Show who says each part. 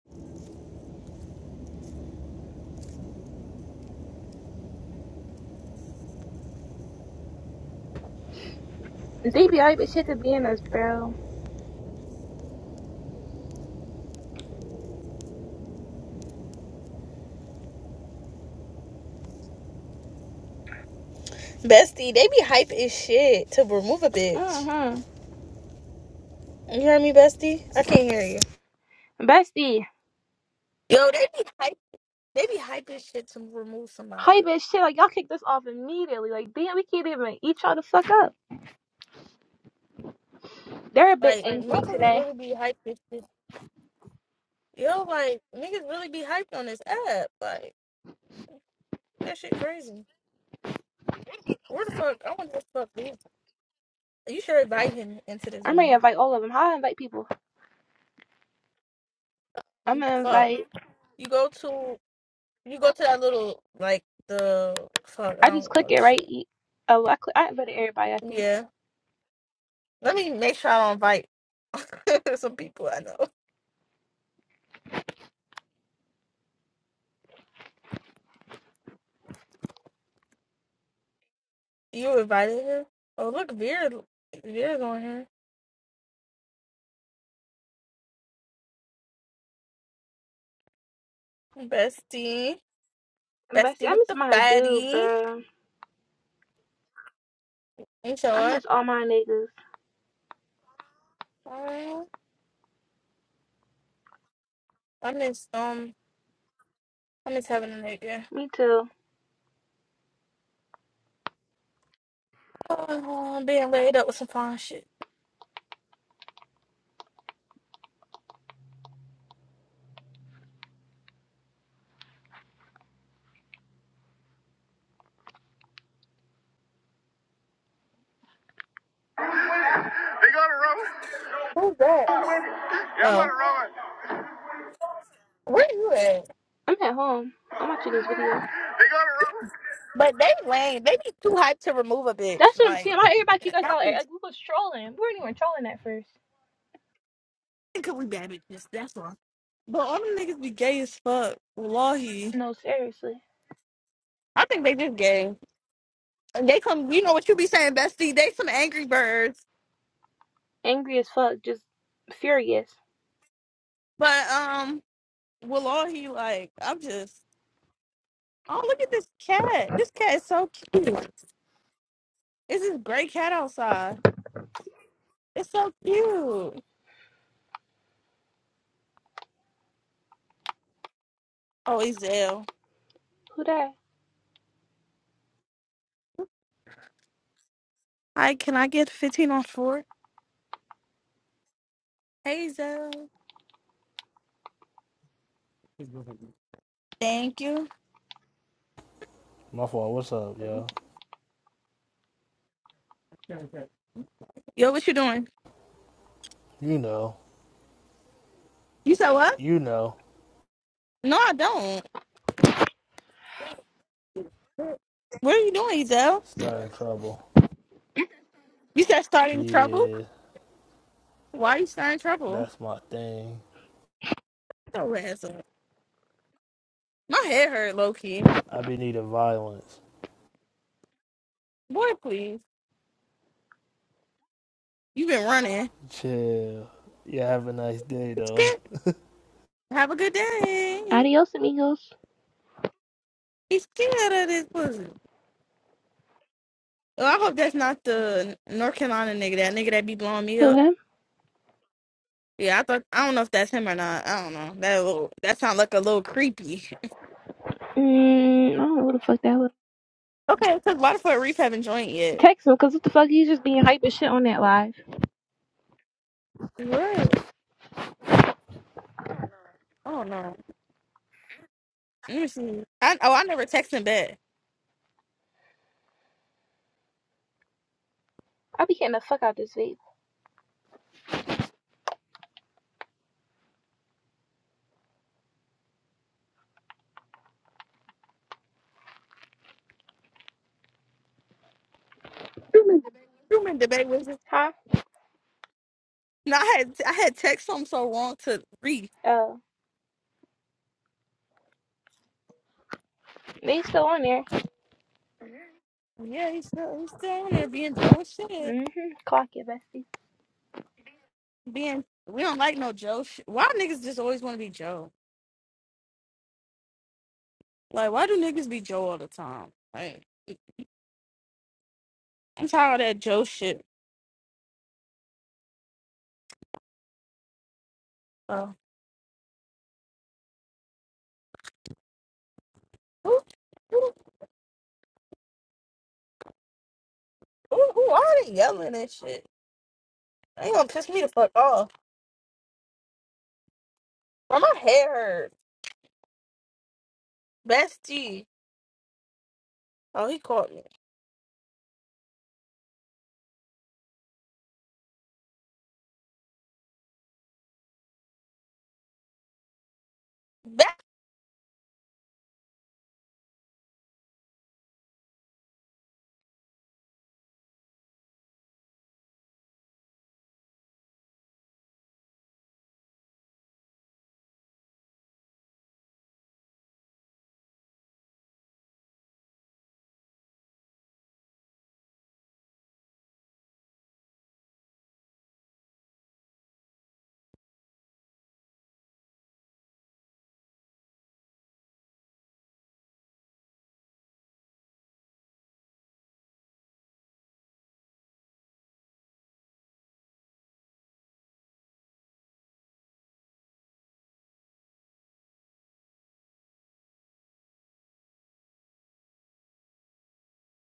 Speaker 1: DBI, but shit to be in us, bro.
Speaker 2: Bestie, they be hype as shit to remove a bitch.
Speaker 1: Mm-hmm.
Speaker 2: You hear me, bestie? I can't hear you.
Speaker 1: Bestie.
Speaker 2: Yo, they be hype. They be hype as shit to remove
Speaker 1: Hype
Speaker 2: somebody.
Speaker 1: as shit. Like, y'all kick this off immediately. Like, damn, we can't even eat y'all the fuck up. They're a bit
Speaker 2: Like
Speaker 1: angry
Speaker 2: motherfuckers
Speaker 1: today.
Speaker 2: really be hype as shit. Yo, like niggas really be hyped on this app. Like that shit crazy. Where the fuck? I want this fuck. dude. You should invite him into this
Speaker 1: I'm ready to
Speaker 2: room.
Speaker 1: invite all of them. How do I invite people? I'm
Speaker 2: Mm,
Speaker 1: gonna
Speaker 2: Fuck.
Speaker 1: invite.
Speaker 2: You go to you go to that little like the fuck. I
Speaker 1: I
Speaker 2: don't
Speaker 1: just
Speaker 2: even
Speaker 1: click
Speaker 2: know that
Speaker 1: it, right?
Speaker 2: shit.
Speaker 1: E- Oh, I, click, I invited everybody, I think.
Speaker 2: Yeah. Let me make sure I don't invite some people I know. You invited her? Oh, look, Vera. Vera's on here. Bestie.
Speaker 1: Bestie,
Speaker 2: Bestie
Speaker 1: I
Speaker 2: with
Speaker 1: miss
Speaker 2: the
Speaker 1: my dude,
Speaker 2: fatty.
Speaker 1: bro.
Speaker 2: You show
Speaker 1: I
Speaker 2: up.
Speaker 1: miss all my niggas.
Speaker 2: Oh, I miss, um, I miss having a nigga.
Speaker 1: Me too.
Speaker 2: Oh, I'm being laid up with some fine shit.
Speaker 1: They go to Roman.
Speaker 2: Who's that?
Speaker 1: Yeah, I'm going
Speaker 2: Oh,
Speaker 1: to Roman.
Speaker 2: where you at?
Speaker 1: I'm at home. I'm watching this video. They go to Roman.
Speaker 2: But they lame. They be too hyped to remove a
Speaker 1: That's
Speaker 2: bitch.
Speaker 1: what I'm
Speaker 2: Like,
Speaker 1: saying. Why everybody kick us
Speaker 2: y'all
Speaker 1: out?
Speaker 2: be
Speaker 1: Like, we was trolling. We weren't even trolling at first.
Speaker 2: because we bad bitches. That's why. But all them niggas be gay as fuck. Wallahi.
Speaker 1: No, seriously.
Speaker 2: I think they just gay. They some, you know what you be saying, bestie. They some angry birds,
Speaker 1: Angry as fuck. Just furious.
Speaker 2: but um, will all he like? I'm just. Oh, look at this cat. This cat is so cute. It's this gray cat outside. It's so cute. Oh, Ezel.
Speaker 1: Who that?
Speaker 2: Hi, can I get 15 on four? Hey, Ezel. Thank you.
Speaker 3: My fault. What's up, yo?
Speaker 2: Yo, what you doing?
Speaker 3: You know,
Speaker 2: You said what?
Speaker 3: you know,
Speaker 2: No, I don't. What are you doing, Ezel?
Speaker 3: stirring trouble.
Speaker 2: You said starting trouble?
Speaker 3: Yeah,
Speaker 2: Why are you starting trouble?
Speaker 3: that's my thing.
Speaker 2: So ass up. My head hurt, Loki.
Speaker 3: I be needing violence.
Speaker 2: Boy, please. You've been running.
Speaker 3: Chill. Yeah, have a nice day,
Speaker 2: It's
Speaker 3: though.
Speaker 2: good. Have a good day.
Speaker 1: Adios, amigos.
Speaker 2: He's scared of this pussy. Oh, I hope that's not the North Carolina nigga. That nigga that be blowing me
Speaker 1: Who,
Speaker 2: up.
Speaker 1: him?
Speaker 2: Yeah, I thought I don't know if that's him or not. I don't know. That little, that sounds like a little creepy.
Speaker 1: Mm, I don't know who the fuck that was.
Speaker 2: Okay, because Waterford Reef haven't joined yet.
Speaker 1: Text him, because what the fuck? He's just being hype as shit on that live.
Speaker 2: What? I don't know. Let me see. I, oh, I never texted him back.
Speaker 1: I be getting the fuck out this vape.
Speaker 2: You been debate with him?
Speaker 1: Huh?
Speaker 2: No, I had I had text him so wrong to Reef.
Speaker 1: Oh. They still on there.
Speaker 2: Yeah, he's still he's still on there being Joe and shit.
Speaker 1: Mm-hmm. Clock it, bestie.
Speaker 2: being we don't like no Joe. Sh- why niggas just always want to be Joe? Like, why do niggas be Joe all the time? Like, I'm tired of that Joe shit. Oh, who, who, who, who are they yelling and shit? They gonna piss me the fuck off. Why my head hurt? Bestie. Oh, he caught me.